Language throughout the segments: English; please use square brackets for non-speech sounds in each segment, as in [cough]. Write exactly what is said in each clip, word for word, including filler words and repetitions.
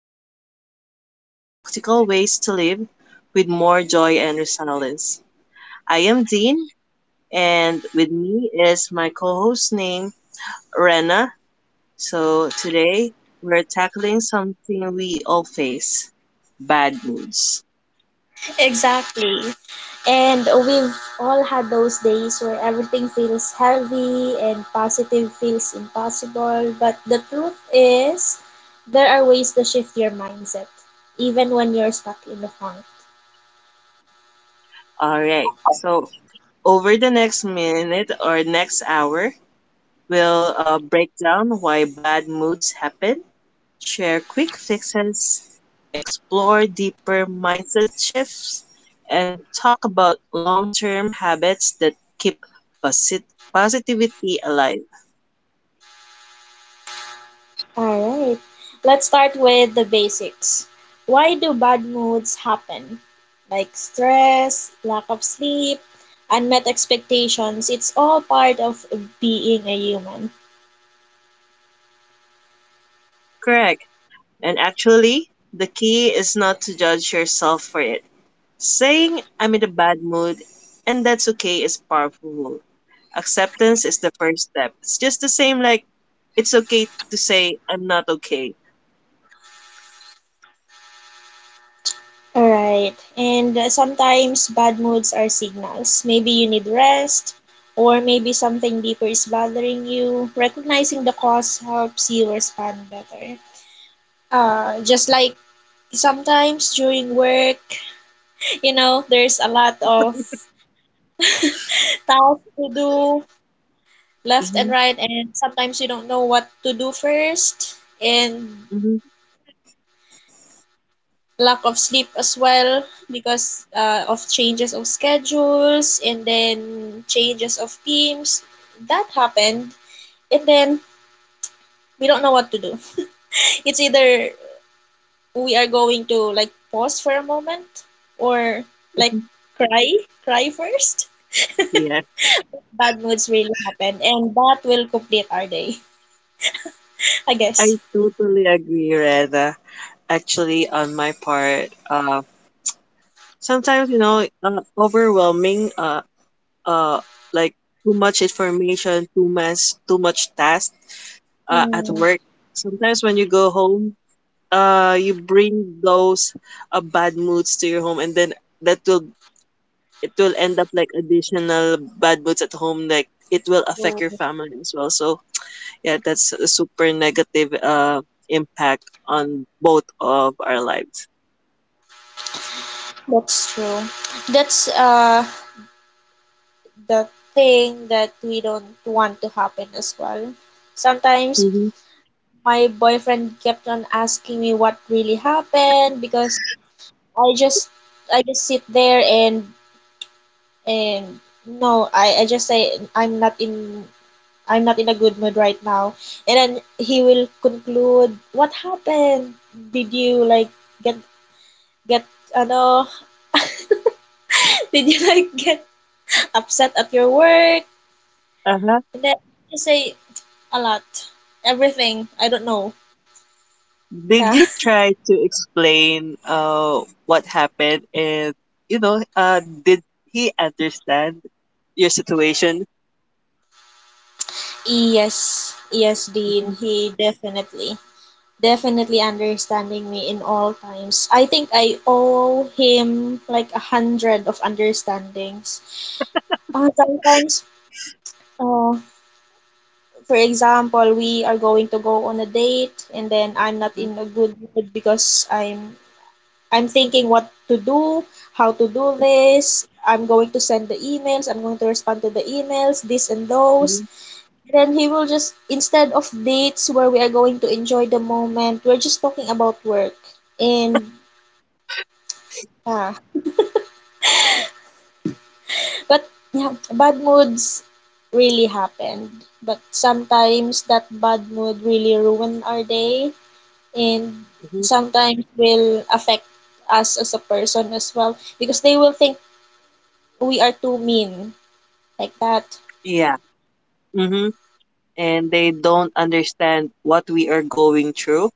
where we explore practical ways to live with more joy and resilience. I am Dean, and with me is my co host named Rena. So today we're tackling something we all face: bad moods. Exactly. And we've all had those days where everything feels heavy and positive feels impossible. But the truth is, there are ways to shift your mindset, even when you're stuck in the funk. All right. So over the next minute or next hour, we'll uh, break down why bad moods happen, share quick fixes, explore deeper mindset shifts, and talk about long term habits that keep posit- positivity alive. Alright, let's start with the basics. Why do bad moods happen? Like stress, lack of sleep, unmet expectations. It's all part of being a human. Correct. And actually, the key is not to judge yourself for it. Saying I'm in a bad mood and that's okay is powerful. Acceptance is the first step. It's just the same like it's okay to say I'm not okay. Alright. And uh, Sometimes bad moods are signals. Maybe you need rest, or maybe something deeper is bothering you. Recognizing the cause helps you respond better. Uh, just like sometimes during work, [laughs] you know, there's a lot of tasks to do left and Mm-hmm, right, and sometimes you don't know what to do first. And mm-hmm, lack of sleep as well because uh, of changes of schedules and then changes of teams. That happened. And then we don't know what to do. [laughs] It's either we are going to like pause for a moment or like mm-hmm. cry, cry first. Yeah. Bad moods really happen. And that will complete our day, [laughs] I guess. I totally agree, Reda. Actually, on my part, uh, sometimes you know, uh, overwhelming, uh, uh, like too much information, too much, too much task, uh, at Mm, work. Sometimes when you go home, uh, you bring those uh, bad moods to your home, and then that will it will end up like additional bad moods at home. Like it will affect True. your family as well. So yeah, that's a super negative uh, impact on both of our lives. That's true. That's uh the thing that we don't want to happen as well. Sometimes Mm-hmm. my boyfriend kept on asking me what really happened because I just I just sit there and and no, I, I just say I'm not in I'm not in a good mood right now. And then he will conclude, what happened? Did you like get get ano [laughs] did you like get upset at your work? Uh-huh. And then you say a lot. Everything. I don't know. Did Yeah. you [laughs] try to explain uh what happened, and you know, uh, did he understand your situation? Yes. Yes, Dean. Mm-hmm. He definitely, definitely understanding me in all times. I think I owe him like a hundred of understandings. Uh, sometimes, uh, for example, we are going to go on a date and then I'm not Uh-huh. in a good mood because I'm I'm thinking what to do, how to do this. I'm going to send the emails. I'm going to respond to the emails, this and Mm-hmm. those. Then he will just, instead of dates where we are going to enjoy the moment, we're just talking about work. And, ah, but yeah, bad moods really happened. But sometimes that bad mood really ruin our day and Mm-hmm. sometimes will affect us as a person as well because they will think we are too mean like that. Yeah. Mm-hmm. And they don't understand what we are going through.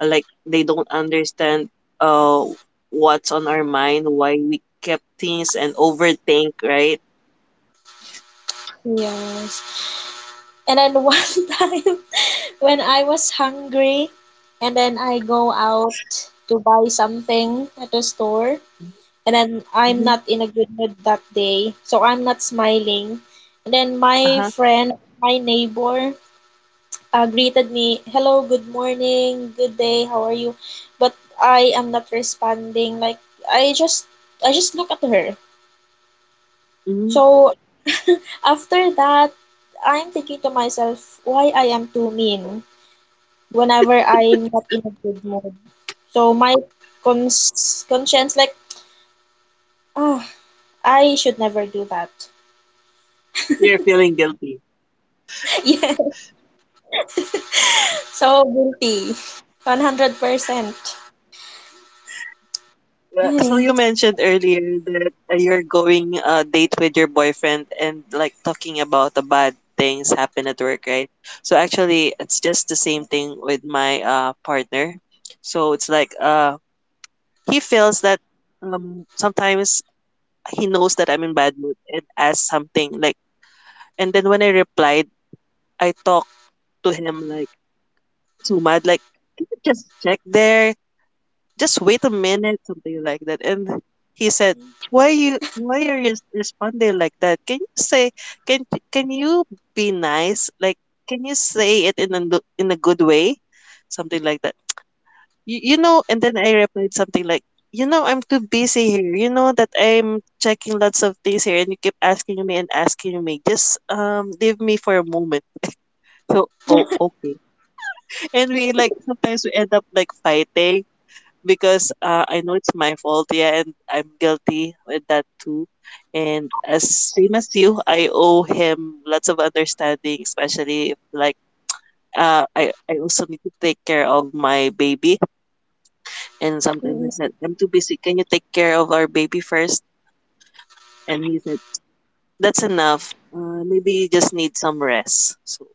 Uh, Like they don't understand uh what's on our mind, why we kept things and overthink, right? Yes. And then [laughs] one time when I was hungry, and then I go out to buy something at the store, and then I'm not in a good mood that day, so I'm not smiling. And then my Uh-huh. friend, my neighbor, uh, greeted me, "Hello, good morning, good day, how are you?" But I am not responding. Like I just, I just look at her. Hmm. So after that, I'm thinking to myself why I am too mean whenever I'm not in a good mood. So my cons- conscience like, ah, I should never do that. You're feeling guilty. [laughs] Yeah, so guilty. one hundred percent. Uh, So Ay. you mentioned earlier that uh, you're going a date with your boyfriend and like talking about the bad things happen at work, right? So actually, it's just the same thing with my uh partner. So it's like uh he feels that um sometimes he knows that I'm in bad mood and asks something like, and then when I replied, I talk to him like too mad, like, "Can you just check there, just wait a minute," something like that. And he said, why you why are you responding like that? Can you say can can you be nice? Like can you say it in a lo- in a good way? Something like that. You, you know, and then I replied something like, you know, I'm too busy here. You know that I'm checking lots of things here and you keep asking me and asking me. Just um leave me for a moment. [laughs] So, oh, okay. And we like sometimes we end up like fighting because uh, I know it's my fault. Yeah, and I'm guilty with that too. And as same as you, I owe him lots of understanding, especially if like uh, I I also need to take care of my baby. And sometimes I Mm, said, I'm too busy. Can you take care of our baby first? And he said, that's enough. Uh, maybe you just need some rest. So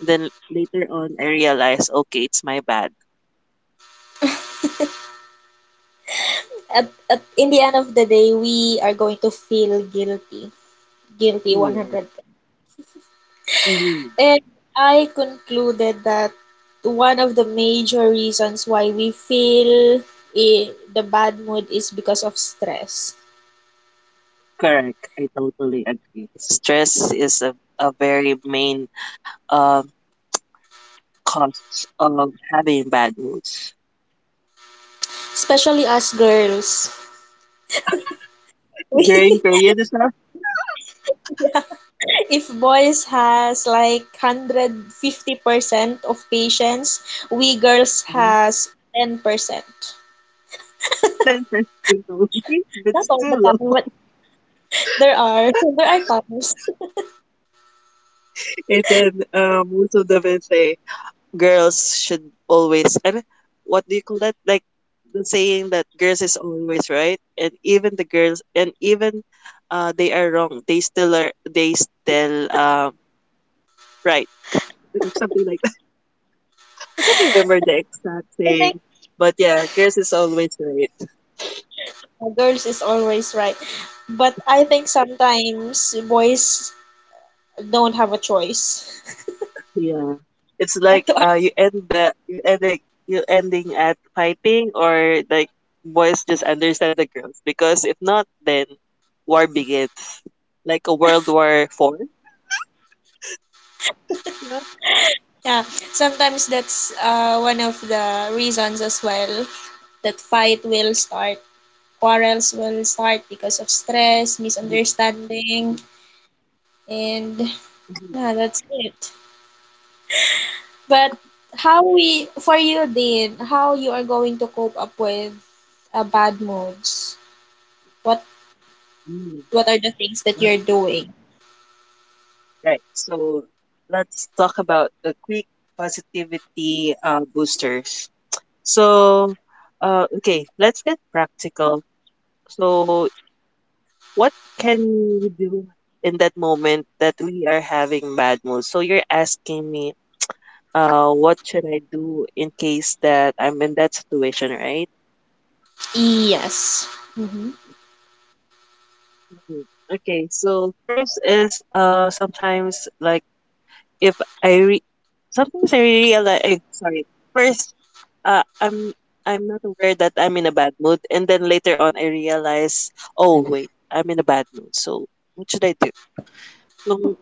then later on, I realized, okay, it's my bad. At, at, in the end of the day, we are going to feel guilty. Guilty Yes. one hundred percent. Mm-hmm. And I concluded that one of the major reasons why we feel i- the bad mood is because of stress, Correct. I totally agree. Stress is a, a very main uh, cause of having bad moods. especially us girls. During [laughs] period as well, If boys has like one hundred fifty percent of patience, we girls uh, has ten percent. ten percent only, [laughs] but Not all the still, low. time, [laughs] but there are [laughs] there are times. And then uh, most of the will say, girls should always, and what do you call that? Like the saying that girls is always right. And even the girls, and even uh, they are wrong, they still are, they still uh, right. Something like I can't remember the exact I think thing, but yeah, girls is always right. girls is always right. But I think sometimes boys don't have a choice. Yeah, it's But like to- uh, you end the you ending you ending at fighting, or like boys just understand the girls because if not, then war begins, like a World War Four. Yeah. yeah, sometimes that's uh, one of the reasons as well that fight will start, quarrels will start because of stress, Mhm, misunderstanding, mhm, and mhm, yeah, that's it. But how we for you then, how you are going to cope up with uh, bad moods? What mhm. what are the things that Right. you're doing? Right. So let's talk about the quick positivity uh, boosters. So, uh, okay, let's get practical. So what can you do in that moment that we are having bad mood? So you're asking me, uh, what should I do in case that I'm in that situation, right? Yes. Mm-hmm. Mhm. Okay, so first is uh sometimes like if I re sometimes I realize eh, sorry, first uh I'm I'm not aware that I'm in a bad mood, and then later on I realize, oh wait, I'm in a bad mood, so what should I do? So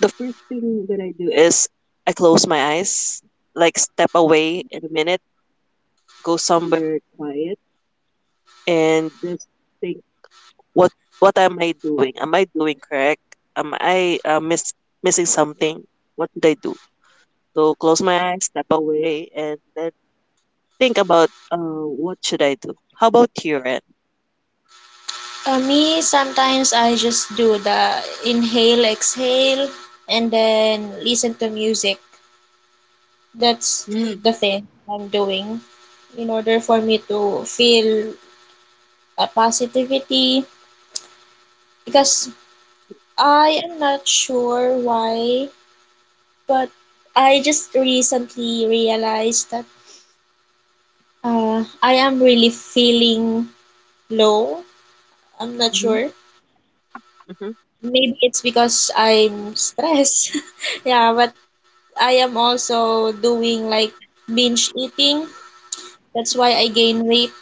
the first thing that I do is I close my eyes, like step away in a minute, go somewhere quiet, and just think, what what am I doing? Am I doing correct? Am I uh, miss missing something? What did I do? So close my eyes, step away, and then think about uh, what should I do? How about your end? For me, sometimes I just do the inhale, exhale, and then listen to music. That's the thing I'm doing in order for me to feel a positivity because I am not sure why, but I just recently realized that uh, I am really feeling low. I'm not Mm-hmm. sure. Mm-hmm. Maybe it's because I'm stressed. [laughs] Yeah, but I am also doing like binge eating. That's why I gain weight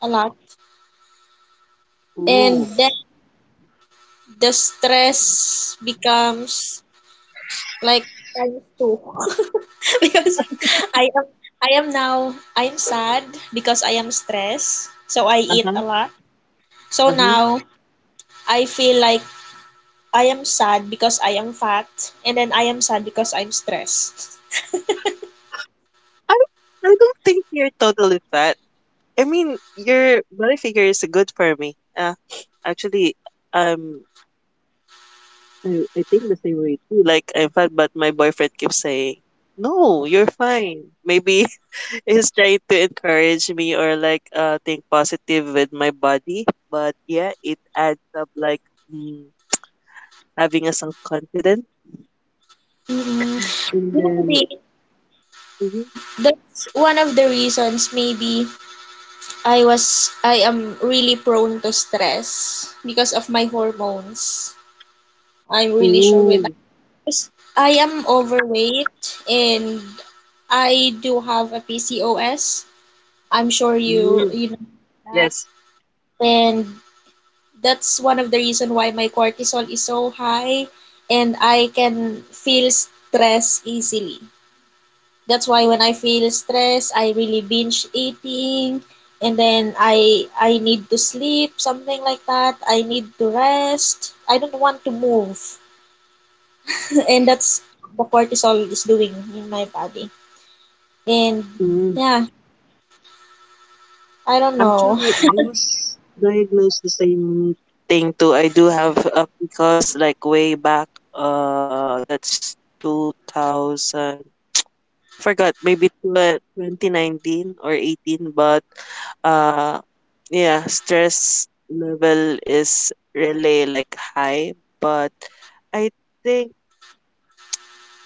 a lot. Ooh. And then the stress becomes like times two. [laughs] Because I am I am now I'm sad because I am stressed. So I eat a Uh-huh. lot. So Uh-huh. now I feel like I am sad because I am fat and then I am sad because I'm stressed. I don't, I don't think you're totally fat. I mean, your body figure is good for me. Uh, actually, um, I, I think the same way too. Like I'm fat, but my boyfriend keeps saying, "No, you're fine." Maybe [laughs] he's trying to encourage me or like uh think positive with my body. But yeah, it adds up like mm, having us unconfident. mm And You know, then, the, mm-hmm. that's one of the reasons maybe I was I am really prone to stress because of my hormones. I'm really sure with Ooh, that. 'Cause I am overweight and I do have a P C O S. I'm sure you mm, you know that. yes, And that's one of the reason why my cortisol is so high and I can feel stress easily. That's why when I feel stressed, I really binge eating and then I I need to sleep, something like that. I need to rest. I don't want to move. [laughs] And that's the cortisol is doing in my body. And mm. yeah, I don't know. Actually, I was diagnosed the same thing too. I do have uh, because like way back, uh, that's two thousand. I forgot, maybe tw- twenty nineteen or eighteen, but uh, yeah, stress level is really like high. But I think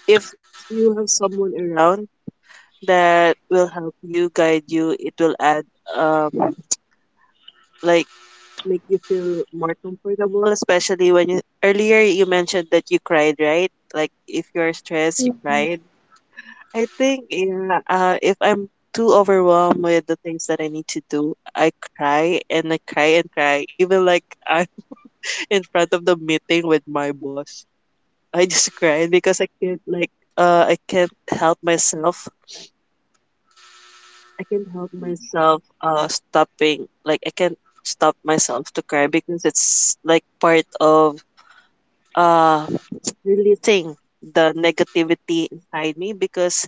if you have someone around that will help you, guide you, it will add um like make you feel more comfortable, especially when you earlier you mentioned that you cried, right? Like if you're stressed, you Mm, cried. I think yeah, uh, if I'm too overwhelmed with the things that I need to do, I cry and I cry and cry. Even like I'm [laughs] in front of the meeting with my boss, I just cry because I can't like uh I can't help myself. I can't help myself uh stopping. Like I can't stop myself to cry because it's like part of uh releasing the negativity inside me because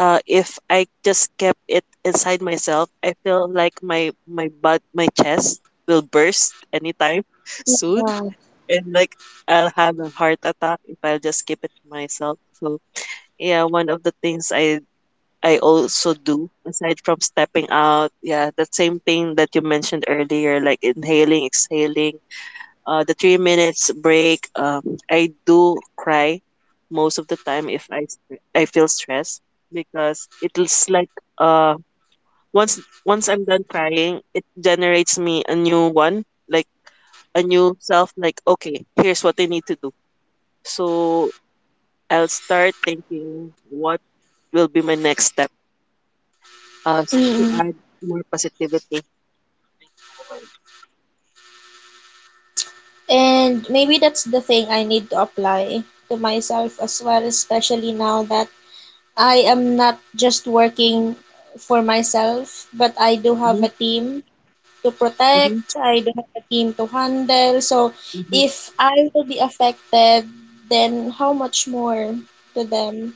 uh, if I just kept it inside myself, I feel like my my butt, my chest will burst anytime [laughs] soon, Yeah. and like I'll have a heart attack if I'll just keep it to myself. So yeah, one of the things I I also do aside from stepping out, yeah, the same thing that you mentioned earlier, like inhaling, exhaling, uh, the three minutes break, um, I do cry most of the time if I st- I feel stressed because it's like uh once once I'm done crying, it generates me a new one, like a new self. Like okay, here's what I need to do. So I'll start thinking what will be my next step. Uh, to Mm-mm. add more positivity. And maybe that's the thing I need to apply to myself as well, especially now that I am not just working for myself, but I do have Mm-hmm, a team to mm-hmm, protect. I don't have a team to handle. So mm-hmm, if I will be affected, then how much more to them?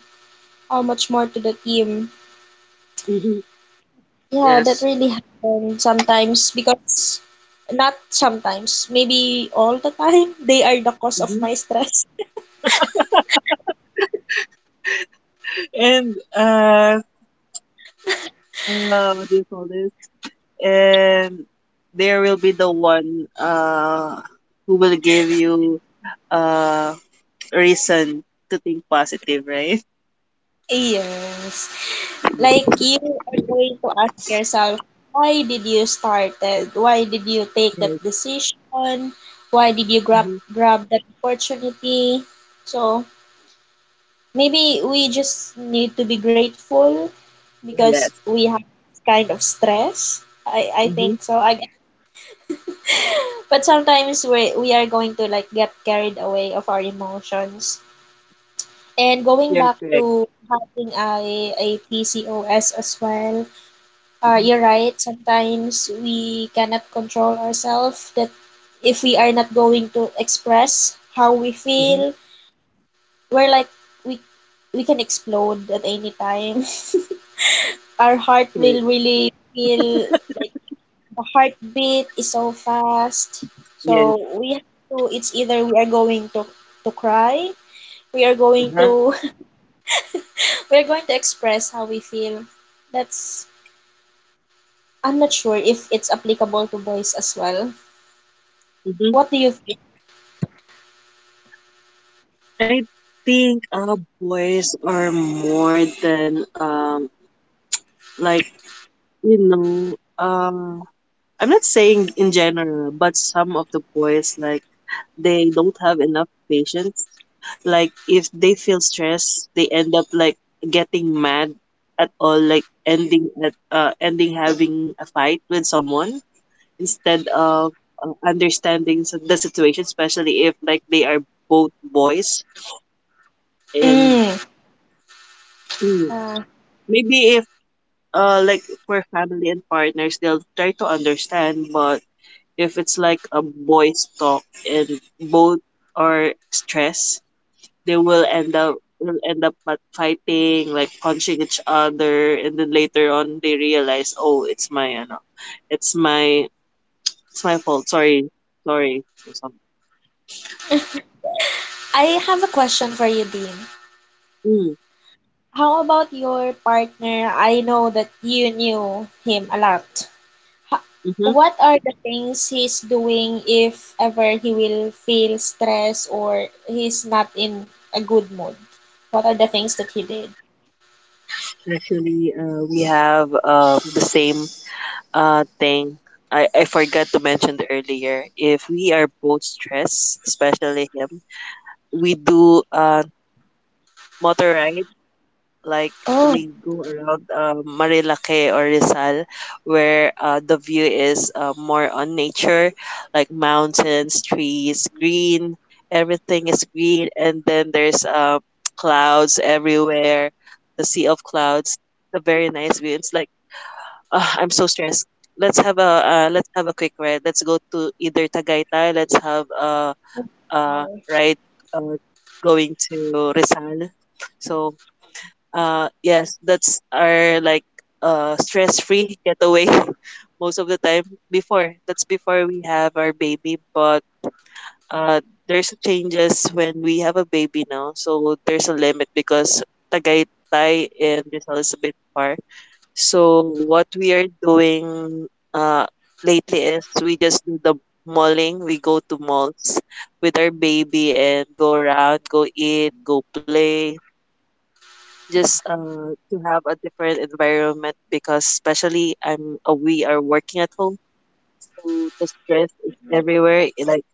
How much more to the team? mm-hmm. Yeah, that Yes. really happens sometimes because not sometimes, maybe all the time, [laughs] they are the cause of Mm-hmm. my stress. And uh, uh, what do you call this? And there will be the one uh who will give you uh reason to think positive, right? Yes. Like you are going to ask yourself, why did you started? Why did you take that Yes. decision? Why did you grab Mm-hmm. grab that opportunity? So maybe we just need to be grateful Oh, because yes. we have this kind of stress. I, I Mm-hmm. think so. I guess. But sometimes we we are going to like get carried away of our emotions. And going You're back correct. to having a a P C O S as well, uh, Mm-hmm. you're right. Sometimes we cannot control ourselves that if we are not going to express how we Mm-hmm. feel, we're like we we can explode at any time. [laughs] Our heart will Correct. really feel like the heartbeat is so fast. Yes. So we have to it's either we are going to to cry, we are going Uh-huh. to [laughs] we are going to express how we feel. That's I'm not sure if it's applicable to boys as well. Mm-hmm. What do you I think uh boys are more than um like you know um I'm not saying in general, but some of the boys like they don't have enough patience, like if they feel stress they end up like getting mad at all, like ending at uh, ending having a fight with someone instead of uh, understanding s- the situation, especially if like they are both boys and Mm. hmm, Uh, maybe if uh like for family and partners they'll try to understand, but if it's like a boys talk and both are stressed they will end up will end up at fighting, like punching each other, and then later on they realize, oh, it's my ano, it's my it's my fault. Sorry, sorry. So some. I have a question for you, Dean. Mm, How about your partner? I know that you knew him a lot. Ho- mm-hmm. What are the things he's doing if ever he will feel stressed or he's not in a good mood? What are the things that he did? Actually, uh, we have uh, the same uh, thing. I, I forgot to mention earlier. If we are both stressed, especially him, we do uh, motor, like Oh. we go around uh Marilake or Rizal, where uh, the view is uh, more on nature, like mountains, trees, green. Everything is green, and then there's uh, [tsk] clouds everywhere, the sea of clouds. A very nice view. It's like ah, I'm so stressed. Let's have a uh, let's have a quick ride. Let's go to either Tagaytay. Let's have a, a Oh. ride uh, going to Rizal. So uh, yes, that's our like uh stress-free getaway [laughs] most of the time. Before that's before we have our baby, but uh there's changes when we have a baby now, so there's a limit because Tagaytay and Rizal is a bit far. So what we are doing uh lately is we just do the malling. We go to malls with our baby and go around, go eat, go play, just uh, to have a different environment because especially I'm uh, we are working at home, so the stress is everywhere. I- like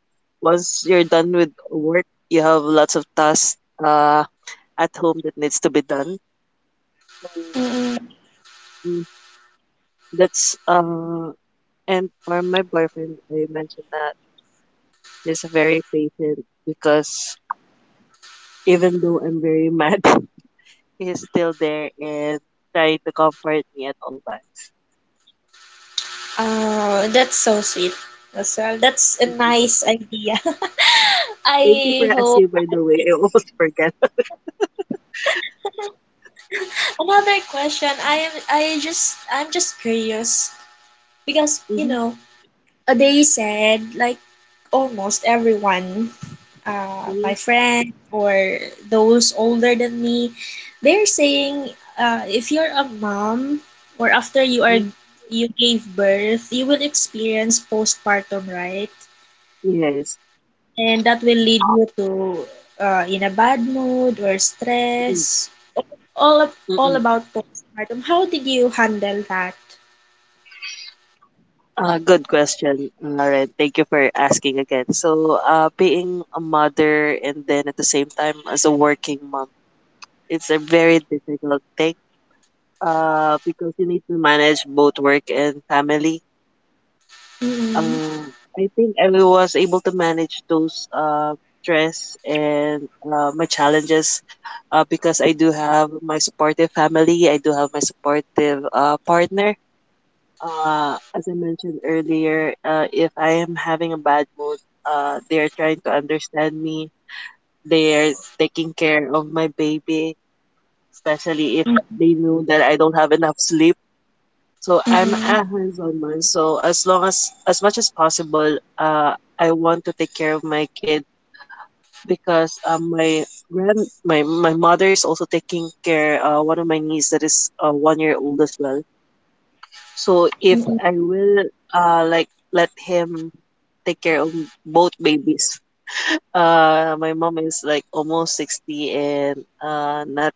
once you're done with work, you have lots of tasks uh, at home that needs to be done. So Mm-mm. mm, that's uh, and for my boyfriend, I mentioned that he's very patient because even though I'm very mad, [laughs] he's still there and trying to comfort me at all times. Oh, that's so sweet as well. That's a nice idea. [laughs] Thank you for I hope. asking, by the way. I almost forgot. [laughs] Another question. I am I just I'm just curious because you Mhm, know uh, they said like almost everyone, uh, mhm, my friend or those older than me, they're saying uh, if you're a mom or after you mhm. are you gave birth, you will experience postpartum, right? Yes. And that will lead you to uh, in a bad mood or Mm, stress. All of, mm, all mm. about postpartum. How did you handle that? Uh, good question. All right. Thank you for asking again. So, uh, being a mother and then at the same time as a working mom, it's a very difficult thing. Uh, because you need to manage both work and family. Mm-mm. Uh, I think I was able to manage those uh, stress and uh, my challenges uh, because I do have my supportive family. I do have my supportive uh, partner. Uh, as I mentioned earlier, uh, if I am having a bad mood, uh, they are trying to understand me. They are taking care of my baby, especially if they knew that I don't have enough sleep, so I'm Mm-mm. a hands-on mom. So as long as as much as possible, uh, I want to take care of my kid because um, my grand my my mother is also taking care uh one of my niece that is uh, one year old as well. So if Mm-mm. I will uh like let him take care of both babies. Uh, my mom is like almost sixty and uh not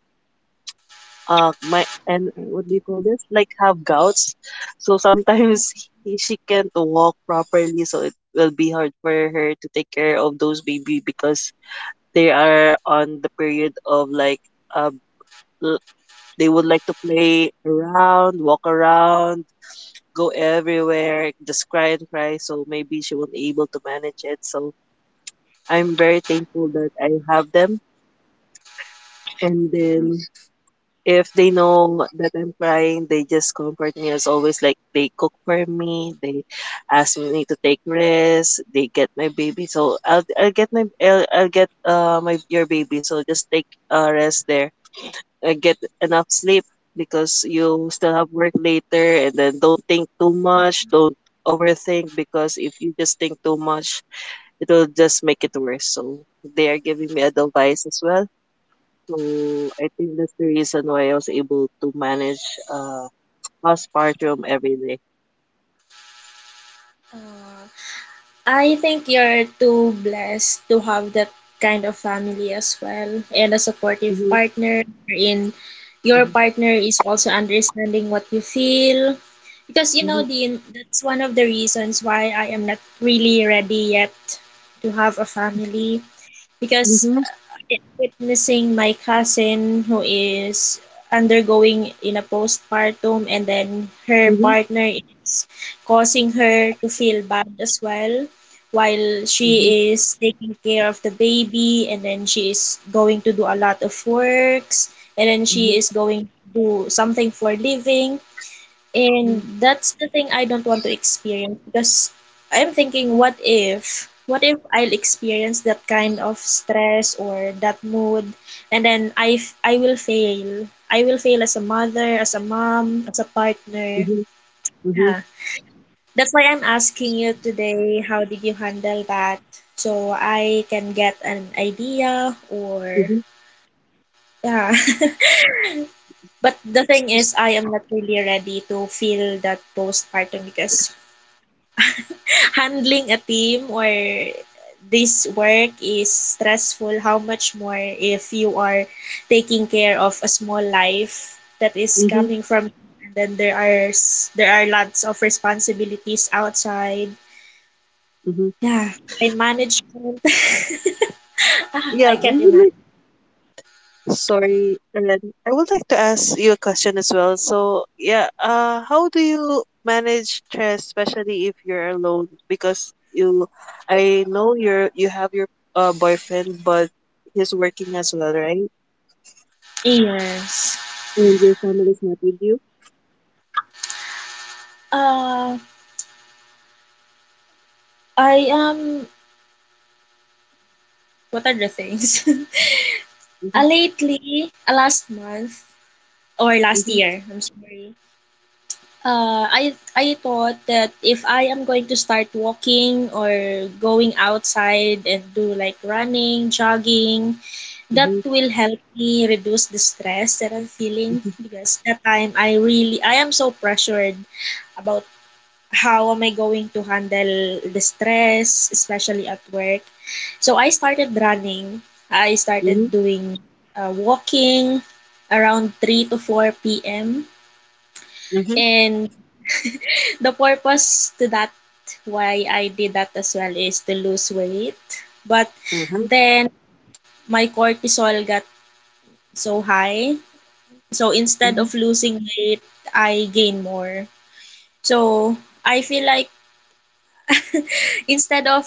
uh my and what do you call this like have gouts, so sometimes he, she can't walk properly, so it will be hard for her to take care of those baby because they are on the period of like uh l- they would like to play around, walk around, go everywhere, just cry and cry, so maybe she won't able to manage it. So I'm very thankful that I have them, and then if they know that I'm crying, they just comfort me as always. Like they cook for me, they ask me to take rest, they get my baby. So I'll I'll get my I'll, I'll get uh my your baby. So just take uh rest there. Uh, get enough sleep because you still have work later, and then don't think too much. Don't overthink because if you just think too much, it will just make it worse. So they are giving me advice as well, so I think that's the reason why I was able to manage uh postpartum every day. Uh, I think you're too blessed to have that kind of family as well and a supportive Mhm, partner in your mhm, partner is also understanding what you feel because you know mhm, Dean that's one of the reasons why I am not really ready yet to have a family because mhm, it- witnessing my cousin who is undergoing in a postpartum and then her mhm, partner is causing her to feel bad as well while mhm, she is taking care of the baby and then she is going to do a lot of works and then mhm, mhm, she is going to do something for living and mhm, that's the thing I don't want to experience because I'm thinking, what if? What if I'll experience that kind of stress or that mood, and then I, f- I will fail. I will fail as a mother, as a mom, as a partner. mhm, Yeah. That's why I'm asking you today, how did you handle that? So I can get an idea or mhm, yeah. [laughs] But the thing is, I am not really ready to feel that postpartum because handling a team or this work is stressful, how much more if you are taking care of a small life that is mhm, coming from you, and then there are s- there are lots of responsibilities outside. mhm. Yeah, time management. [laughs] Ah, Yeah, I I can't would like imagine. sorry, Ellen. I would like to ask you a question as well. So yeah, uh how do you manage stress, especially if you're alone? Because you I know you're you have your uh boyfriend but he's working as well, right? Yes. And your family is not with you? Uh, I am. What are the things? [laughs] uh, Mhm, lately, uh, last month or last mhm, year, I'm sorry, Uh, I I thought that if I am going to start walking or going outside and do like running, jogging, that mhm, will help me reduce the stress that I'm feeling mhm, because that time I really I am so pressured about how am I going to handle the stress, especially at work. So I started running. I started mhm, doing uh, walking around three to four p m. mhm, And the purpose to that why I did that as well is to lose weight. But uh-huh, then my cortisol got so high. So instead mhm, of losing weight, I gain more. So I feel like instead of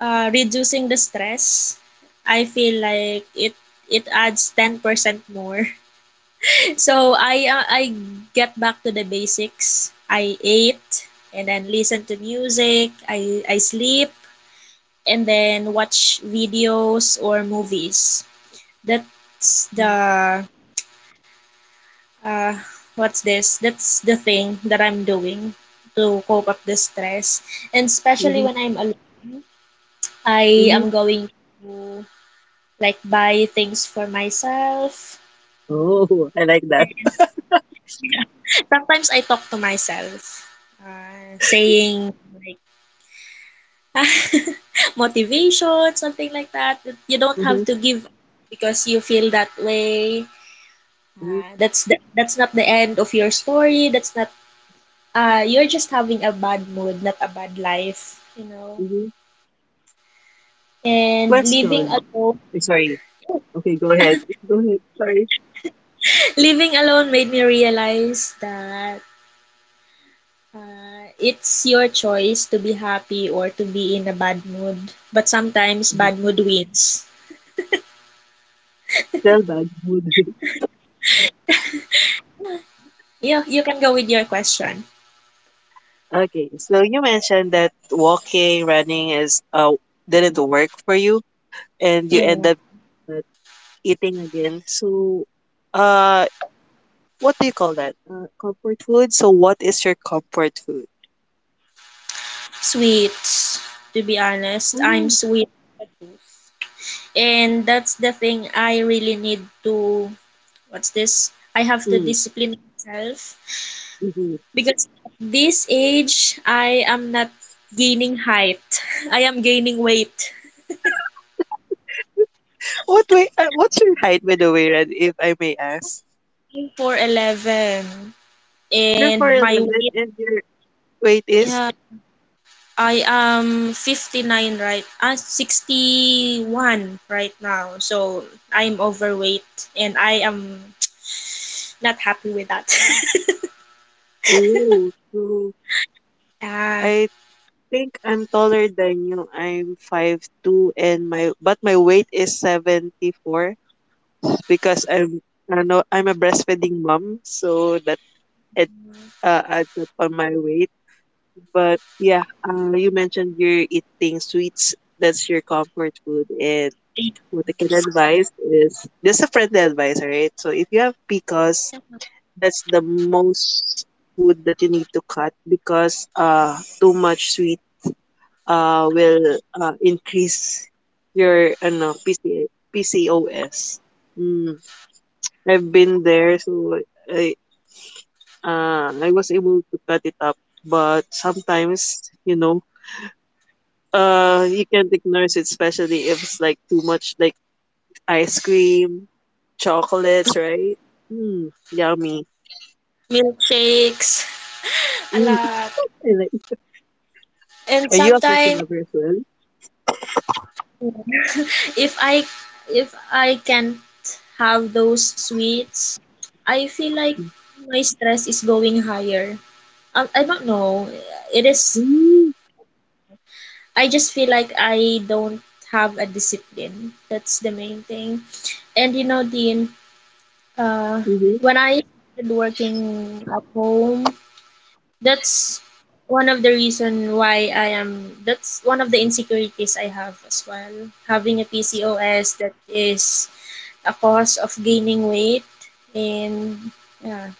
uh, reducing the stress, I feel like it it adds ten percent more. [laughs] So I uh, I get back to the basics. I ate and then listen to music. I I sleep and then watch videos or movies. That's mhm, the uh, what's this? That's the thing that I'm doing to cope up the stress. And especially mhm, when I'm alone, I mhm. am going to like buy things for myself. Oh, I like that. Sometimes I talk to myself, uh, saying like [laughs] motivation, something like that. that You don't Mhm, have to give up because you feel that way. mhm, Ah, that's the, that's not the end of your story. That's not uh you're just having a bad mood, not a bad life, you know. mhm. And living Question. alone, Eh, sorry. Okay, go ahead. Go ahead. Sorry. [laughs] living alone made me realize that uh, it's your choice to be happy or to be in a bad mood. But sometimes Mhm. bad mood wins. Tell bad mood. [laughs] Yeah, you can go with your question. Okay, so you mentioned that walking, running is uh didn't work for you, and you Yeah. end up uh, eating again. So, uh, what do you call that? Uh, comfort food. So, what is your comfort food? Sweets. To be honest, I'm Ooh. sweet. At first. And that's the thing I really need to, what's this? I have to Mm. discipline myself Mhm. because at this age, I am not gaining height. [laughs] I am gaining weight. What way? Uh, what's your height, by the way, Red? If I may ask, I'm four'eleven. you're four And my eleven, weight, and your weight is yeah, I am fifty-nine right, uh, sixty-one right now. So I'm overweight and I am not happy with that. oh, so [laughs] Yeah. I think I'm taller than you. I'm five two, and my but my weight is seventy-four because I'm I know I'm a breastfeeding mom, so that it uh, adds up on my weight. But yeah, uh, you mentioned you're eating sweets. That's your comfort food, and what I can advise is just a friendly advice, right? So if you have P C O S, that's the most food that you need to cut because uh too much sweet uh will uh, increase your ano P C P C O S. Mm, I've been there, so I uh I was able to cut it up, but sometimes you know uh you can't ignore it, especially if it's like too much like ice cream. Chocolates, right? Mm, yummy. Milkshakes, a Mm, lot. I like- are And you a coffee sometimes lover as well? [laughs] if i if i can't have those sweets I feel like Mm, my stress is going higher i, I don't know it is hmm, I just feel like I don't have a discipline, that's the main thing. And you know Dean, uh, mm-hmm, when I started working at home. That's one of the reason why I am, that's one of the insecurities I have as well. Having a P C O S that is a cause of gaining weight. And yeah.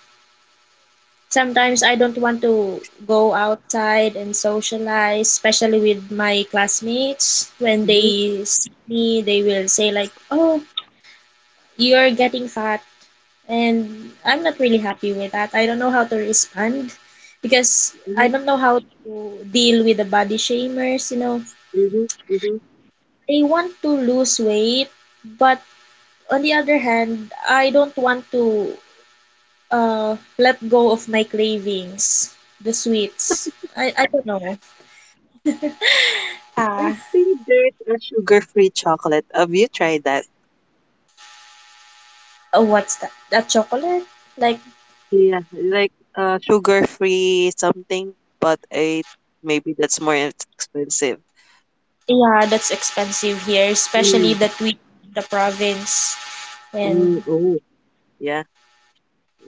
Sometimes I don't want to go outside and socialize, especially with my classmates. When mm-hmm, they see me, they will say like, "Oh, you're getting fat," and I'm not really happy with that. I don't know how to respond because I don't know how to deal with the body shamers, you know. mm-hmm, mm-hmm. I want to lose weight, but on the other hand, I don't want to uh, let go of my cravings, the sweets. I, I don't know. I Ah, think there's a sugar-free chocolate. Have you tried that? uh, what's that? That chocolate? Like, Yeah, like uh, sugar-free something, but I maybe that's more ex- expensive. yeah, that's expensive here, especially Mm, that we the province. And mm, oh, yeah,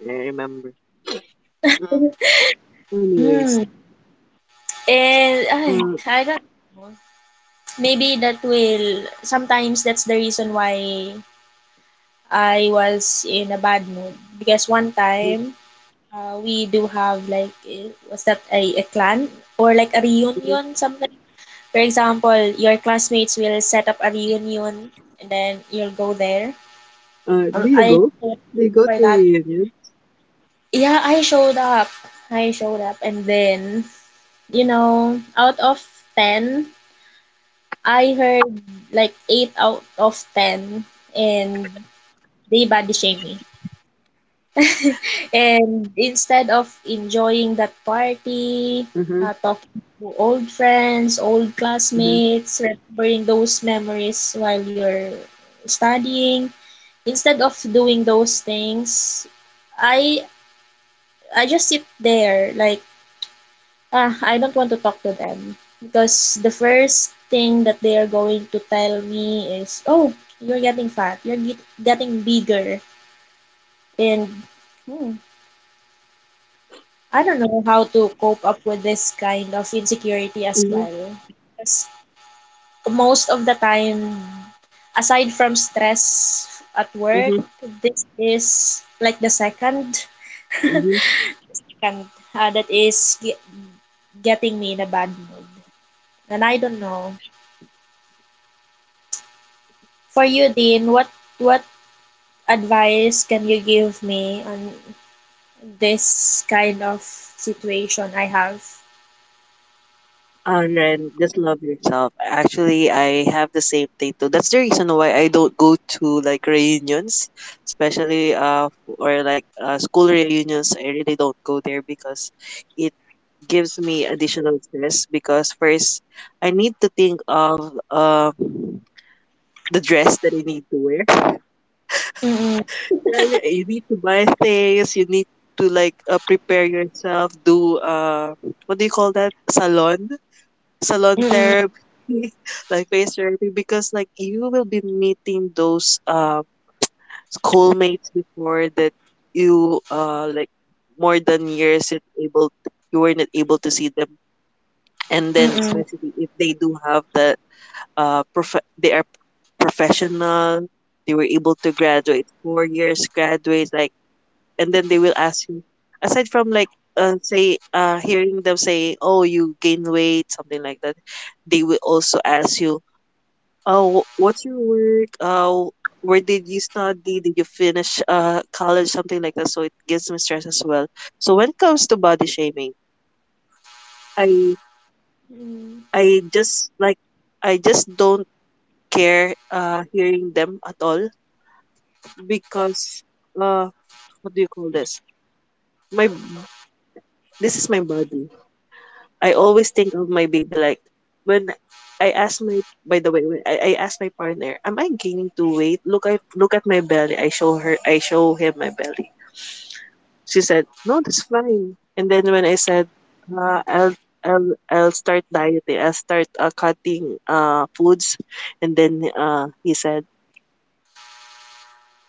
I remember. Mm, anyways, mm, and I uh, I don't know. Maybe that will, sometimes that's the reason why I was in a bad mood. Because one mhm, time uh, we do have like eh, what's that, a, a clan or like a mhm. reunion something. For example, your classmates will set up a reunion and then you'll go there. Uh, Um, do you I go? Do you go for to that. reunion? Yeah, I showed up. I showed up and then, you know, out of ten, I heard like eight out of ten, and they body shame me. [laughs] And instead of enjoying that party, Uh uh, talking to old friends, old huh. classmates, remembering those memories while you're studying, instead of doing those things, I I just sit there like, ah, I don't want to talk to them because the first thing that they are going to tell me is, "Oh, you're getting fat. You're get- getting bigger." And hmm, I don't know how to cope up with this kind of insecurity as Mm-hmm, well. 'Cause most of the time, aside from stress at work, mm-hmm, this is like the second, [laughs] mm-hmm. and uh, that is ge- getting me in a bad mood. And I don't know. For you, Dean, what what advice can you give me on this kind of situation I have? Oh, and then just love yourself. Actually, I have the same thing too. That's the reason why I don't go to like reunions, especially uh or like uh, school reunions. I really don't go there because it gives me additional stress. Because first, I need to think of uh the dress that I need to wear. [laughs] Mm-mm, Yeah, you you need to buy things. You need to like uh, prepare yourself. Do uh what do you call that? Salon salon mm-mm, therapy, [laughs] like face therapy, because like you will be meeting those uh, schoolmates before that you uh like more than years it able you were not able to see them, and then mm-mm. especially if they do have the uh prof- they are professional, they were able to graduate four years, graduate like and then they will ask you aside from like uh, say uh, hearing them say oh you gain weight something like that they will also ask you oh wh- what's your work uh, where did you study did you finish uh, college something like that so it gives me stress as well so when it comes to body shaming i Mm. i just like i just don't care uh, hearing them at all because uh, what do you call this my this is my body. I always think of my baby like when I ask my by the way when I, I ask my partner, am I gaining too weight? Look I look at my belly. I show her I show him my belly. She said, "No, that's fine." And then when I said, uh, "I'll I'll I'll start dieting. I'll start uh, cutting uh foods," and then uh he said,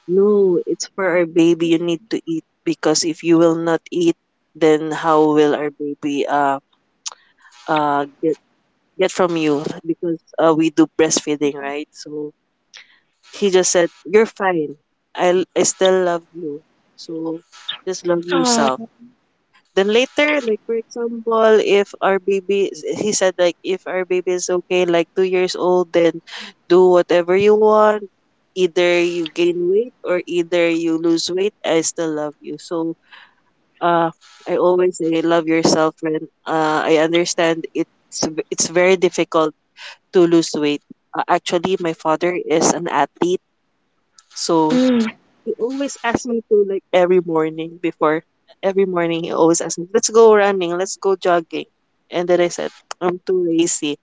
"No, it's for our baby. You need to eat because if you will not eat, then how will our baby uh uh get get from you because uh, we do breastfeeding, right? So he just said, "You're fine. I I still love you. So just love Oh, yourself." Then later, like for example, if our baby, is- he said like if our baby is okay, like two years old, then do whatever you want. Either you gain weight or either you lose weight. I still love you. So uh, I always say love yourself, friend uh, I understand it's v- it's very difficult to lose weight. Uh, actually, my father is an athlete, so mm, he always asks me to like every morning before every morning he always asks me, "Let's go running, let's go jogging." And then I said, "I'm too lazy.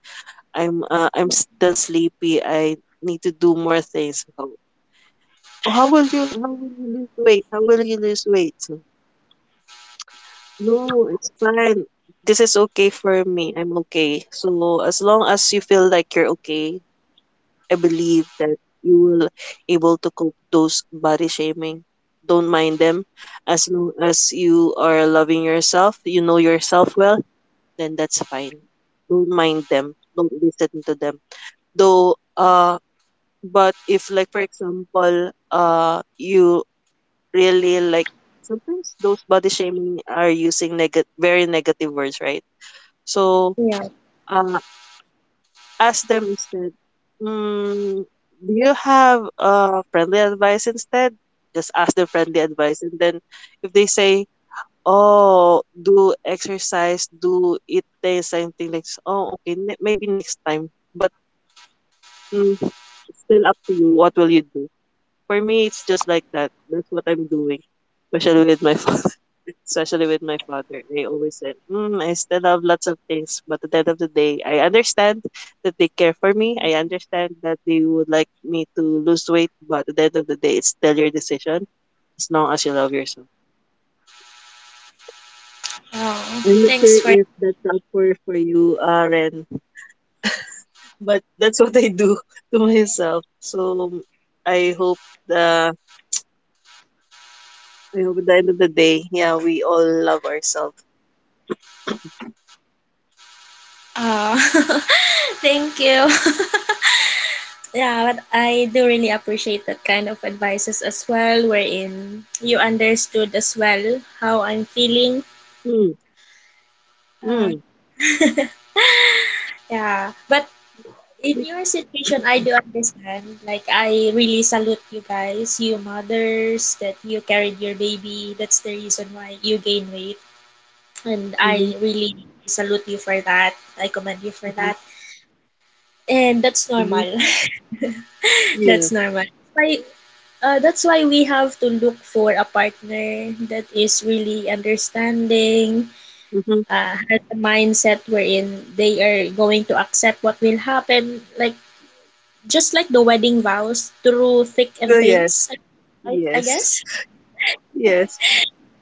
I'm uh, I'm still sleepy. I need to do more things." So, "Oh, how will you how will you lose weight? How will you lose weight? So, no, it's fine. This is okay for me. I'm okay. So as long as you feel like you're okay, I believe that you will able to cope those body shaming. Don't mind them. As long as you are loving yourself, you know yourself well, then that's fine. Don't mind them. Don't listen to them. Though uh but if like for example uh you really like sometimes those body shaming are using neg- very negative words, right? So yeah. uh ask them instead, mm, do you have uh, friendly advice instead? Just ask them friendly advice. And then if they say, oh, do exercise, do eat this, something like, s- oh, okay, ne- maybe next time. But mm, it's still up to you. What will you do? For me, it's just like that. That's what I'm doing, especially with my [laughs] father. Especially with my father, they always said, mm, "I still have lots of things, but at the end of the day, I understand that they care for me. I understand that they would like me to lose weight, but at the end of the day, it's still your decision as long as you love yourself." Oh, I'm not sure thanks for. if that's up for for you, uh, Ren, but [laughs] that's what I do [laughs] to myself. So I hope the I hope at the end of the day, yeah, we all love ourselves. Oh, [laughs] thank you. [laughs] Yeah, but I do really appreciate that kind of advices as well, wherein you understood as well how I'm feeling. Mm. Uh, [laughs] yeah, but in your situation, I do understand. Like, I really salute you guys, you mothers, that you carried your baby. That's the reason why you gain weight. And Mm-hmm. I really salute you for that. I commend you for Mm-hmm. that. And that's Mm-hmm. normal. [laughs] Yeah. That's normal. Why, uh, that's why we have to look for a partner that is really understanding, Mm-hmm. uh, has a mindset wherein they are going to accept what will happen. Like, just like the wedding vows, through thick and Oh, yes. thins, I, I Yes. guess. Yes.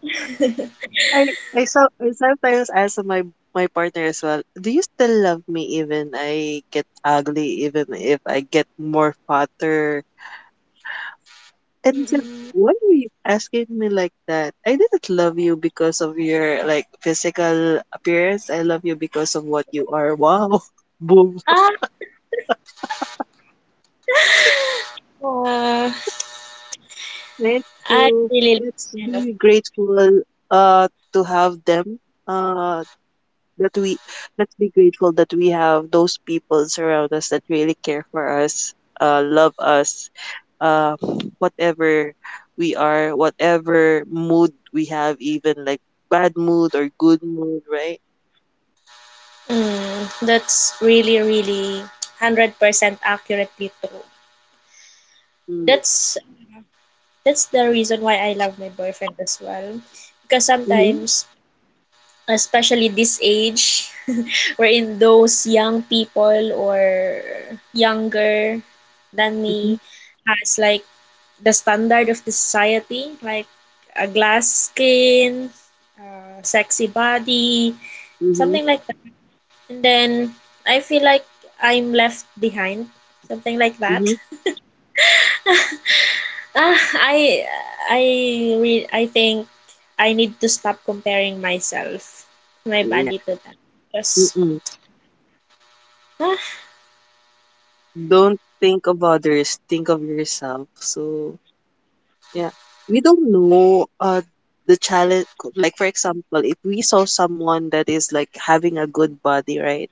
[laughs] I I so I sometimes ask my my partner as well. Do you still love me even I get ugly, even if I get more fatter? And he said, Mm-mm. why are you asking me like that? I didn't love you because of your like physical appearance. I love you because of what you are. Wow, [laughs] Boom. Ah, [laughs] uh, Let's I uh, really let's kind of. be grateful uh to have them uh that we let's be grateful that we have those people around us that really care for us, uh love us, uh whatever we are, whatever mood we have, even like bad mood or good mood, right? Mm, that's really, really hundred percent accurately true. Mm. That's that's the reason why I love my boyfriend as well, because Mm-hmm. sometimes, especially this age, [laughs] wherein those young people or younger than me Mm-hmm. has like the standard of the society, like a glass skin, a sexy body, Mm-hmm. something like that. And then I feel like I'm left behind, something like that. Mm-hmm. [laughs] Ah, i i re- I think I need to stop comparing myself, my Yeah. body, to that, because Mm-mm. ah, Don't think of others, think of yourself. So yeah, we don't know uh the challenge, like for example, if we saw someone that is like having a good body, right?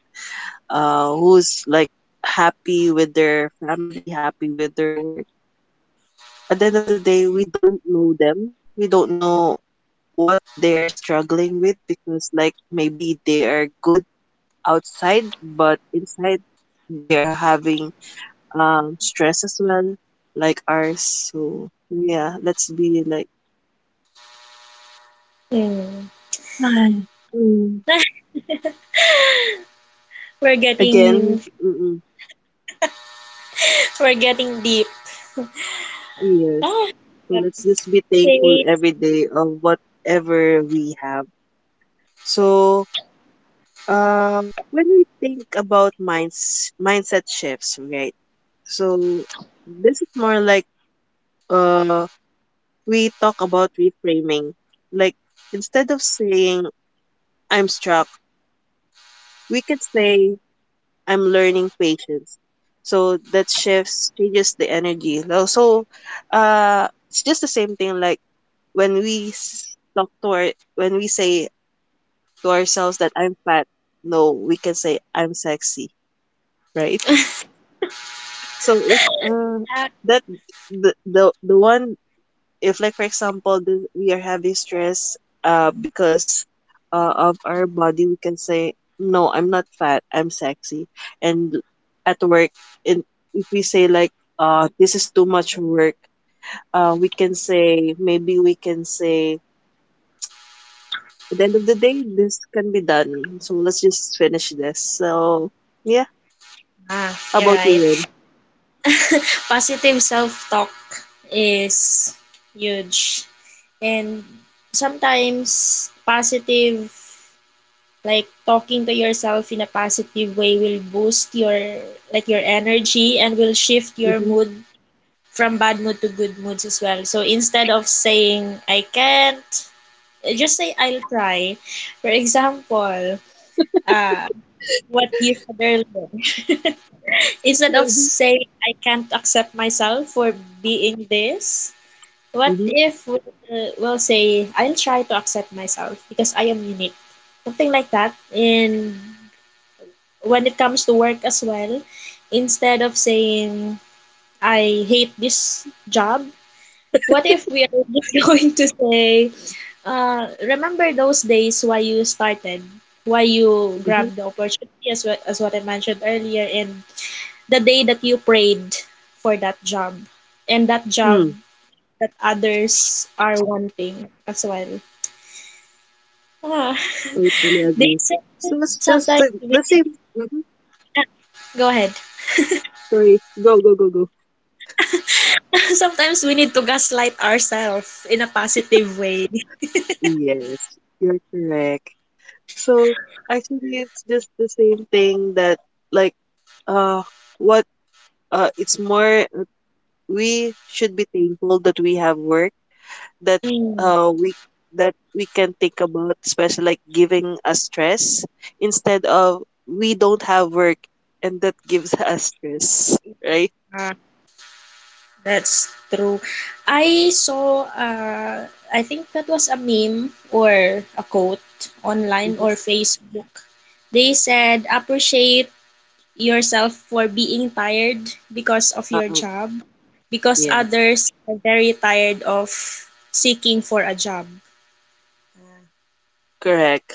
Uh who's like happy with their family, happy with their work. At the end of the day, we don't know them. We don't know what they're struggling with, because like maybe they are good outside but inside they are having um stress as well like ours. So yeah, let's be like Mm. [sighs] mm. [laughs] We're Again, getting mm-mm, [laughs] we're getting deep. yes. Ah, So that let's just be thankful says every day of whatever we have. So, uh, when we think about minds mindset shifts, right? So this is more like uh we talk about reframing. Like instead of saying I'm struck, we could say I'm learning patience. So that shifts changes the energy. Lo- So uh it's just the same thing, like when we s- talk to our when we say to ourselves that I'm fat, no, we can say I'm sexy, right? [laughs] So it uh that- that the the the one, if like for example th- we are having stress uh because uh, of our body, we can say no, I'm not fat, I'm sexy. And at work, and if we say like uh this is too much work, uh we can say maybe we can say at the end of the day this can be done, so let's just finish this. So yeah, ah, how you're about you, right. Ren? [laughs] Positive self-talk is huge. And sometimes positive, like talking to yourself in a positive way will boost your like your energy and will shift your Mm-hmm. mood from bad mood to good moods as well. So instead of saying I can't, just say I'll try. For example, uh, what you said earlier. [laughs] Instead of Mm-hmm. saying I can't accept myself for being this, what if we, uh, we'll say I'll try to accept myself because I am unique, something like that. And when it comes to work as well, instead of saying I hate this job, what if we are just [laughs] going to say, uh, remember those days why you started, why you Mm-hmm. grabbed the opportunity, as what, as what I mentioned earlier, and the day that you prayed for that job, and that job Mm, that others are wanting as well. Ah, [laughs] totally they agree, say so it's just sometimes uh, we the same. go ahead. Sorry, go, go, go, go. [laughs] Sometimes we need to gaslight ourselves in a positive way. Yes, you're correct. So actually, it's just the same thing that like uh what uh it's more, we should be thankful that we have work, that Mm. uh we that we can think about, especially like giving us stress, instead of we don't have work and that gives [laughs] us stress, right? That's true. I saw, uh, I think that was a meme or a quote online or Mm-hmm. Facebook. They said, appreciate yourself for being tired because of your Uh-uh. job, because Yes, others are very tired of seeking for a job. correct.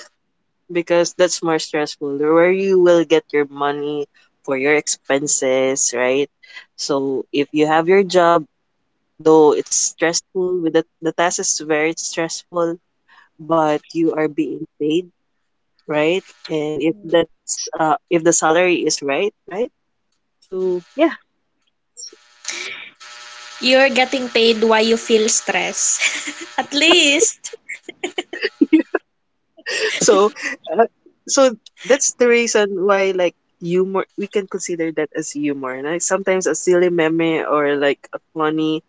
Because that's more stressful, where you will get your money for your expenses, right? So if you have your job, though it's stressful, with the, the task is very stressful, but you are being paid, right? And if that's uh, if the salary is right, right? So yeah. You're getting paid while you feel stress. [laughs] At least. So so that's the reason why, like, humor, we can consider that as humor, like sometimes a silly meme or like a funny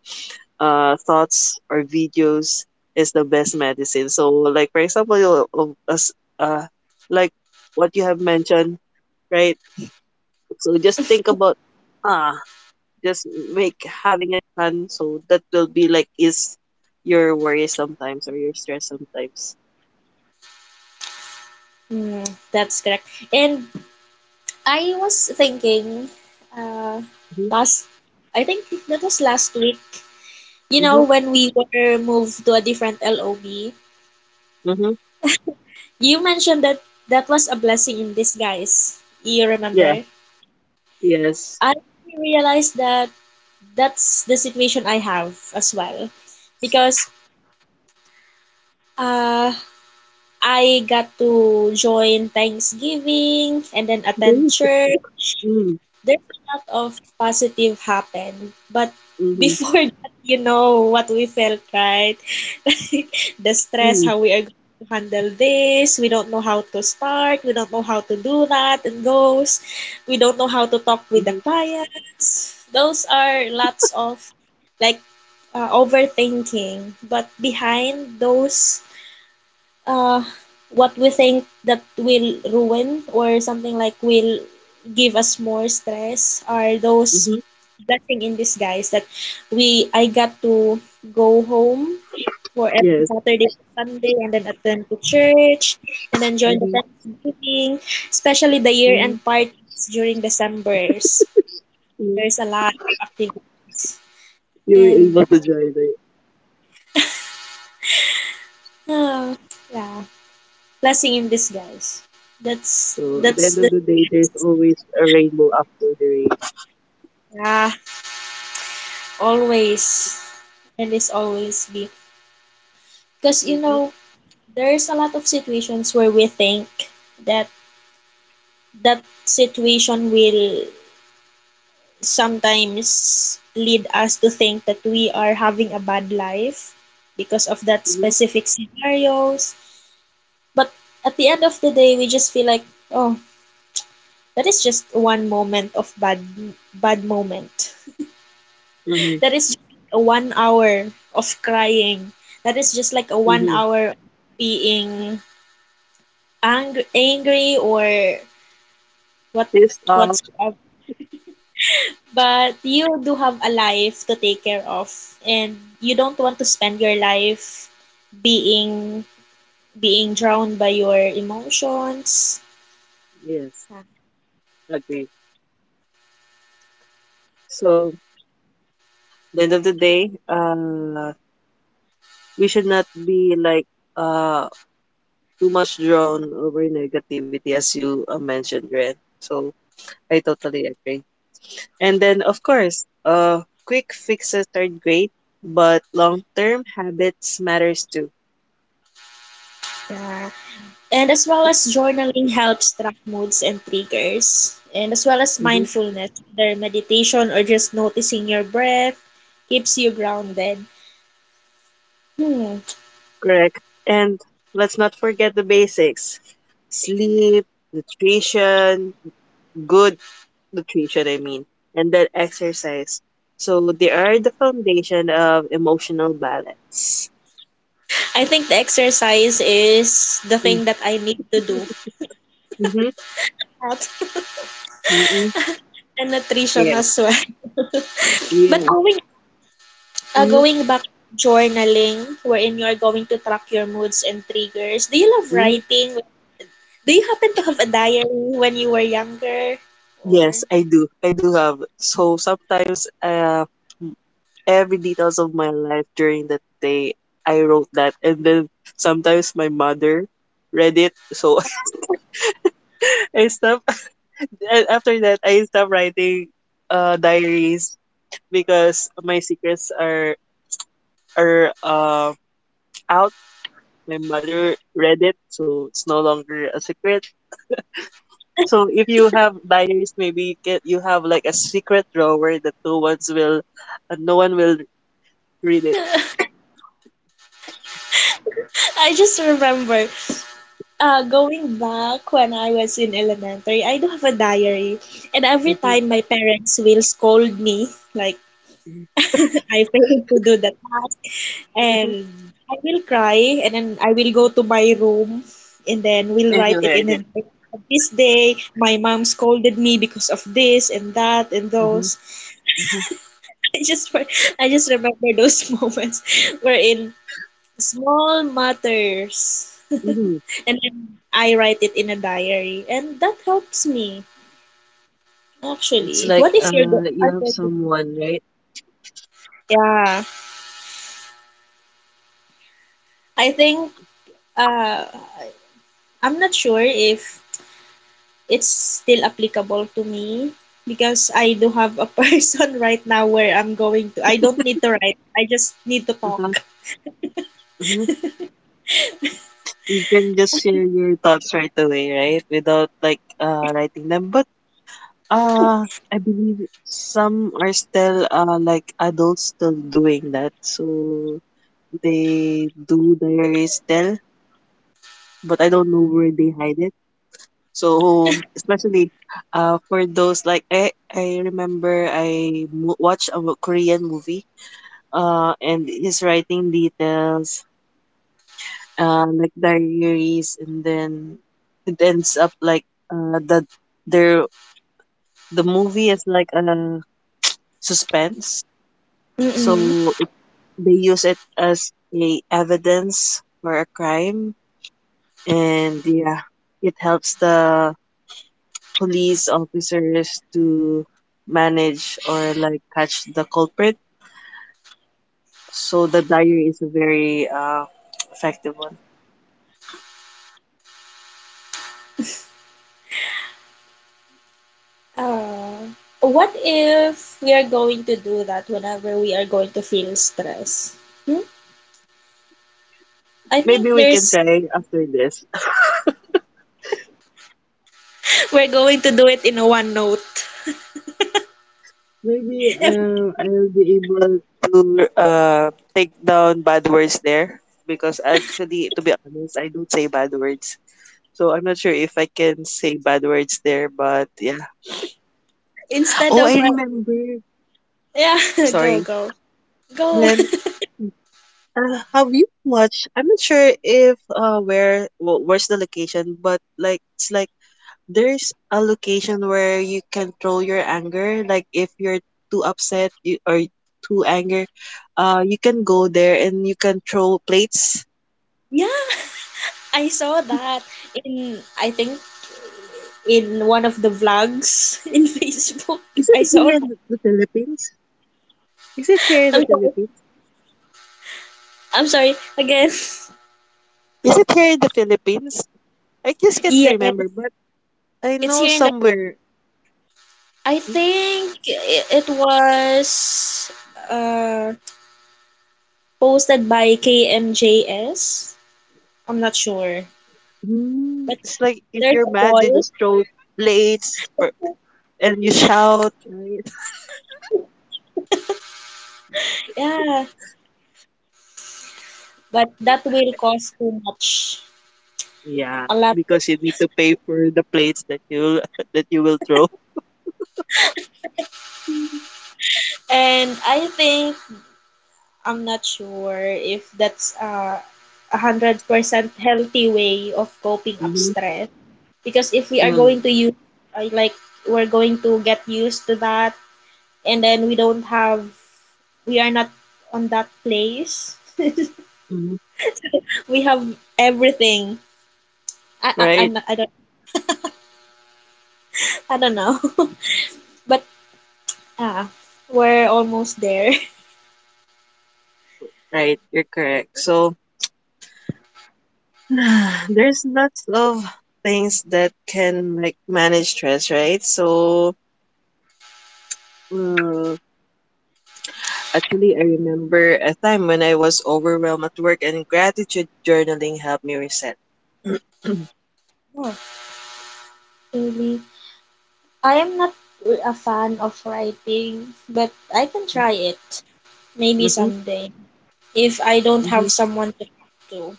uh, thoughts or videos is the best medicine. So, like for example, you- of us, uh, like what you have mentioned, right? So just think about, ah, just make having it fun. So that will be like is your worry sometimes or your stress sometimes. Mm, that's correct. And I was thinking, uh, Mhm, last, I think that was last week, you know, mhm, when we were moved to a different L O B, mhm. you mentioned that that was a blessing in disguise. You Yeah. remember? Yes. I realized that that's the situation I have as well. Because uh, I got to join Thanksgiving and then attend Good. church, Mm, there's a lot of positive happened, but mhm, before [laughs] that, you know what we felt, right? [laughs] Like the stress, mm, how we are going to handle this, we don't know how to start, we don't know how to do that and those, we don't know how to talk with the mhm, clients. Those are lots of like uh, overthinking, but behind those uh, what we think that will ruin or something like will give us more stress are those mhm. blessing in disguise that we I got to go home for every Yes. Saturday to Sunday and then attend to church and then join the Mhm, Thanksgiving, especially the year mm, end parties during December's. yes. There's a lot of activities. You're And able to join. uh, yeah, blessing in disguise. That's So at the That's end of the the day, there's always a rainbow after the rain. yeah always. And is always be, because you Mhm, know there's a lot of situations where we think that that situation will sometimes lead us to think that we are having a bad life because of that mhm, specific scenarios, but at the end of the day we just feel like, oh, that is just one moment of bad bad moment. mhm, That is just like a one hour of crying. That is just like a one mhm. hour being angry, angry or what This talk, whatsoever. But you do have a life to take care of, and you don't want to spend your life being being drowned by your emotions. yes, agree. So the end of the day, uh, we should not be like uh too much drawn over negativity, as you uh, mentioned, Ren. So I totally agree. And then of course, uh, quick fixes are great, but long-term habits matters too. Yeah. And as well as journaling helps track moods and triggers. And as well as Mm-hmm. mindfulness, either meditation or just noticing your breath keeps you grounded. Hmm. Correct. And let's not forget the basics. Sleep, nutrition, good nutrition, I mean, and then exercise. So they are the foundation of emotional balance. I think the exercise is the thing [laughs] that I need to do. Mm-hmm. Health Mm-hmm. and nutrition Yes. as well. [laughs] But Yeah. going uh, Mm-hmm. going back to journaling, wherein you are going to track your moods and triggers. Do you love Mm-hmm. writing? Do you happen to have a diary when you were younger? Or Yes, I do. I do have. So sometimes, uh, every details of my life during that day, I wrote that, and then sometimes my mother read it. So [laughs] I stopped [laughs] after that I stopped writing uh diaries because my secrets are are uh, out. My mother read it, so it's no longer a secret. So if you have diaries, maybe you can you have like a secret drawer that no one's will, uh, no one will read it. I just remember, uh, going back when I was in elementary, I do have a diary. And every Mhm, time my parents will scold me, like mhm, [laughs] I failed to do the task, mhm. and I will cry, and then I will go to my room, and then [laughs] we'll If write you it in read a it, diary. This day, my mom scolded me because of this and that and hmm, those. [laughs] I just, re- I just remember those [laughs] moments wherein small matters. [laughs] hmm, And then I write it in a diary. And that helps me, it's actually. What like if you're the— uh you have someone, right. yeah. I think uh, I'm not sure if it's still applicable to me, because I do have a [laughs] person right now where I'm going to. I don't need to write. I just need to talk. Mhm, mhm. You can just share your thoughts right away, right? Without like uh writing them. But uh I believe some are still uh like adults still doing that. So they do diaries still, but I don't know where they hide it. So especially uh for those, like I I remember I mo- watched a Korean movie uh and his writing details, uh, like diaries, and then it ends up like uh that there the movie is like a suspense. Mm-mm. So it, they use it as a evidence for a crime, and yeah, it helps the police officers to manage or like catch the culprit. So the diary is a very uh effective one. Uh, what if we are going to do that whenever we are going to feel stress? Hmm? I think Maybe we can there's— try after this. [laughs] we're going to do it in a one note. Maybe [laughs] If um, I'll be able to uh, take down bad words there, because actually, to be honest, I don't say bad words. So I'm not sure if I can say bad words there, but yeah. instead Oh, I of uh, remember. yeah, [laughs] go Sorry. go go. [laughs] When uh, have you watched? I'm not sure if uh, where wh- where's the location, but like it's like there's a location where you can throw your anger, like if you're too upset you, or too angry, uh you can go there and you can throw plates. Yeah, I saw that in, I think, in one of the vlogs [laughs] in Facebook. Is I it here saw in that. the Philippines? Is it here in the I'm sorry. Philippines? I'm sorry again. [laughs] Is it here in the Philippines? I just can't Yeah, remember, but I it's know here in the— somewhere. I think i- it was uh posted by K M J S. I'm not sure, Mm, but it's like if there's you're a mad, you wall. just throw plates per- [laughs] and you shout, right? Yeah, but that will [laughs] cost too much, Yeah, a lot. because you need to pay for the plates that you [laughs] that you will throw. [laughs] And I think I'm not sure if that's uh, a hundred percent healthy way of coping up Mm-hmm. stress. Because if we are Mm-hmm. going to use, uh, like, we're going to get used to that, and then we don't have, we are not on that place. [laughs] Mm-hmm. We have everything. I I, Right, I'm not- I don't— I don't know, [laughs] but ah, we're almost there. right. You're correct. So [sighs] there's lots of things that can like manage stress, right? So mm, actually, I remember a time when I was overwhelmed at work, and gratitude journaling helped me reset. [clears throat] [laughs] Oh, really. I am not a fan of writing, but I can try it. Maybe Mm-hmm. someday. If I don't have Mm-hmm. someone to talk to.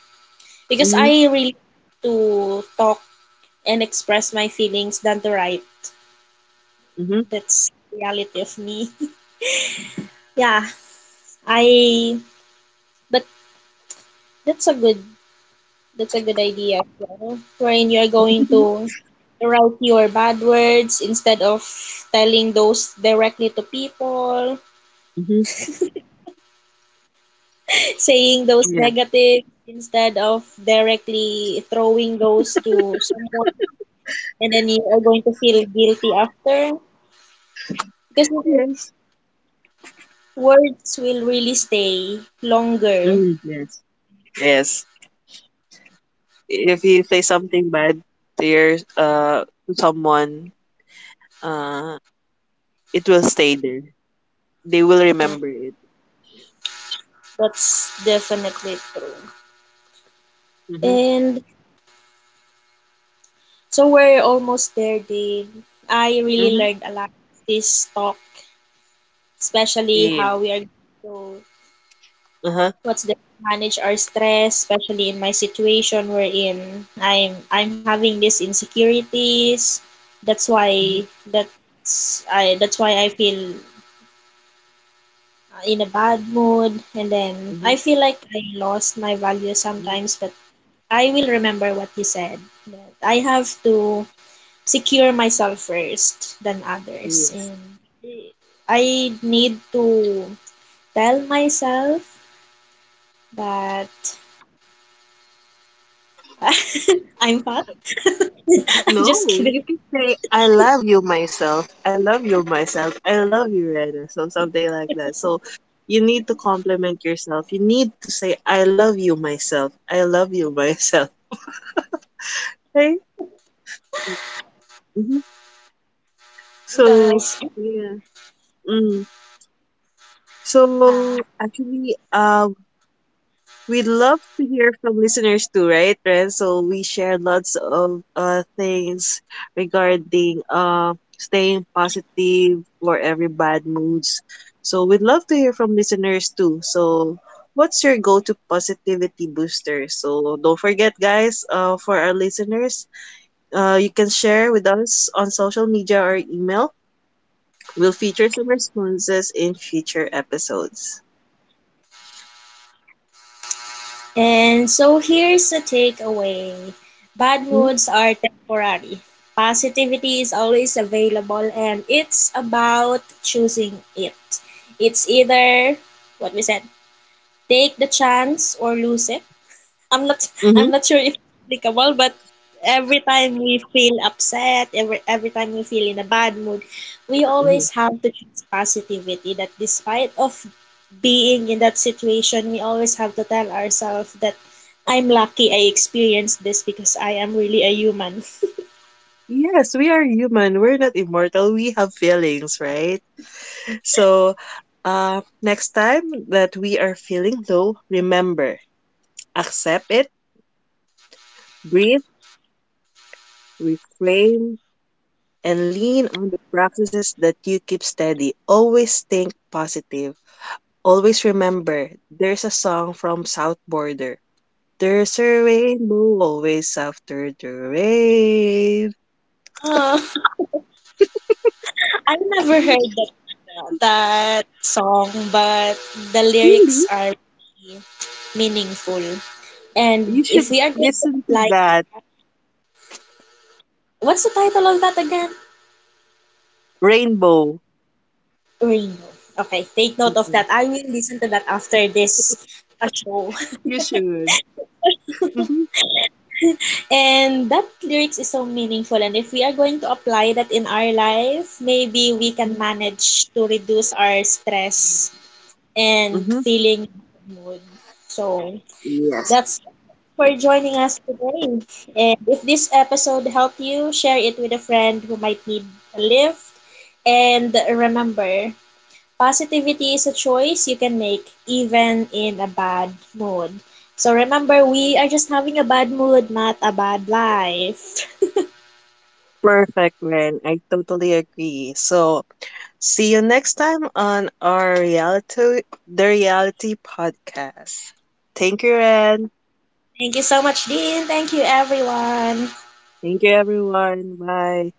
Because I Mm-hmm. really like to talk and express my feelings than to write. That's reality of me. [laughs] Yeah. I— but that's a good— that's a good idea as well. Wherein you are going Mm-hmm. [laughs] to write your bad words instead of telling those directly to people, Mm-hmm. saying those Yeah. negative instead of directly throwing those to someone, and then you are going to feel guilty after, because, you know, Yes. words will really stay longer. Mm, yes. Yes. If you say something bad to your uh to someone, uh, it will stay there. They will remember it. That's definitely true. Mm-hmm. And so we're almost there, Dave. I really Mm-hmm. learned a lot this talk, especially Yeah. how we are going to— Uh-huh. what's the— manage our stress, especially in my situation wherein I'm I'm having these insecurities. That's Mm-hmm. why— that's I that's why I feel uh, in a bad mood, and then Mm-hmm. I feel like I lost my value Mm-hmm. sometimes, but I will remember what you said. That I have to secure myself first than others, Yes. and I need to tell myself that [laughs] I'm fine. [laughs] Just No, you kidding, can say, I love you myself. I love you myself. I love you, Rena. So something like that. So you need to compliment yourself. You need to say, I love you myself. I love you myself. [laughs] Right? Mm-hmm. So, because yeah. Mm. uh, So, actually, uh, we'd love to hear from listeners too, right, Ren? So we share lots of uh, things regarding uh, staying positive for every bad moods. So we'd love to hear from listeners too. So what's your go-to positivity booster? So don't forget, guys, uh, for our listeners, uh, you can share with us on social media or email. We'll feature some responses in future episodes. and so here's a takeaway: bad Hmm? moods are temporary. Positivity is always available, and it's about choosing it. It's either what we said: take the chance or lose it. I'm not— [laughs] Mm-hmm. I'm not sure if it's applicable, but every time we feel upset, every every time we feel in a bad mood, we Mm-hmm. always have to choose positivity, that despite of being in that situation, we always have to tell ourselves that I'm lucky I experienced this because I am really a human. Yes, we are human. We're not immortal. We have feelings, right? So, uh, next time that we are feeling low, remember, accept it, breathe, reframe, and lean on the practices that you keep steady. Always think positive. Always remember, there's a song from South Border. There's a rainbow always after the rain. Oh, I never heard that— that song, but the Really? lyrics are really meaningful. And You should if we are going to listen to apply— that. what's the title of that again? Rainbow. Rainbow. Okay, take note of Mm-mm. that. I will listen to that after this uh, show. You should. Hmm, And that lyrics is so meaningful. And if we are going to apply that in our life, maybe we can manage to reduce our stress and hmm. feeling mood. So Yes. that's— for joining us today. And if this episode helped you, share it with a friend who might need a lift. And remember, positivity is a choice you can make even in a bad mood. So remember, we are just having a bad mood, not a bad life. [laughs] Perfect, Ren. I totally agree. So, see you next time on our reality, the reality podcast. Thank you, Ren. Thank you so much, Dean. Thank you, everyone. Thank you, everyone. Bye.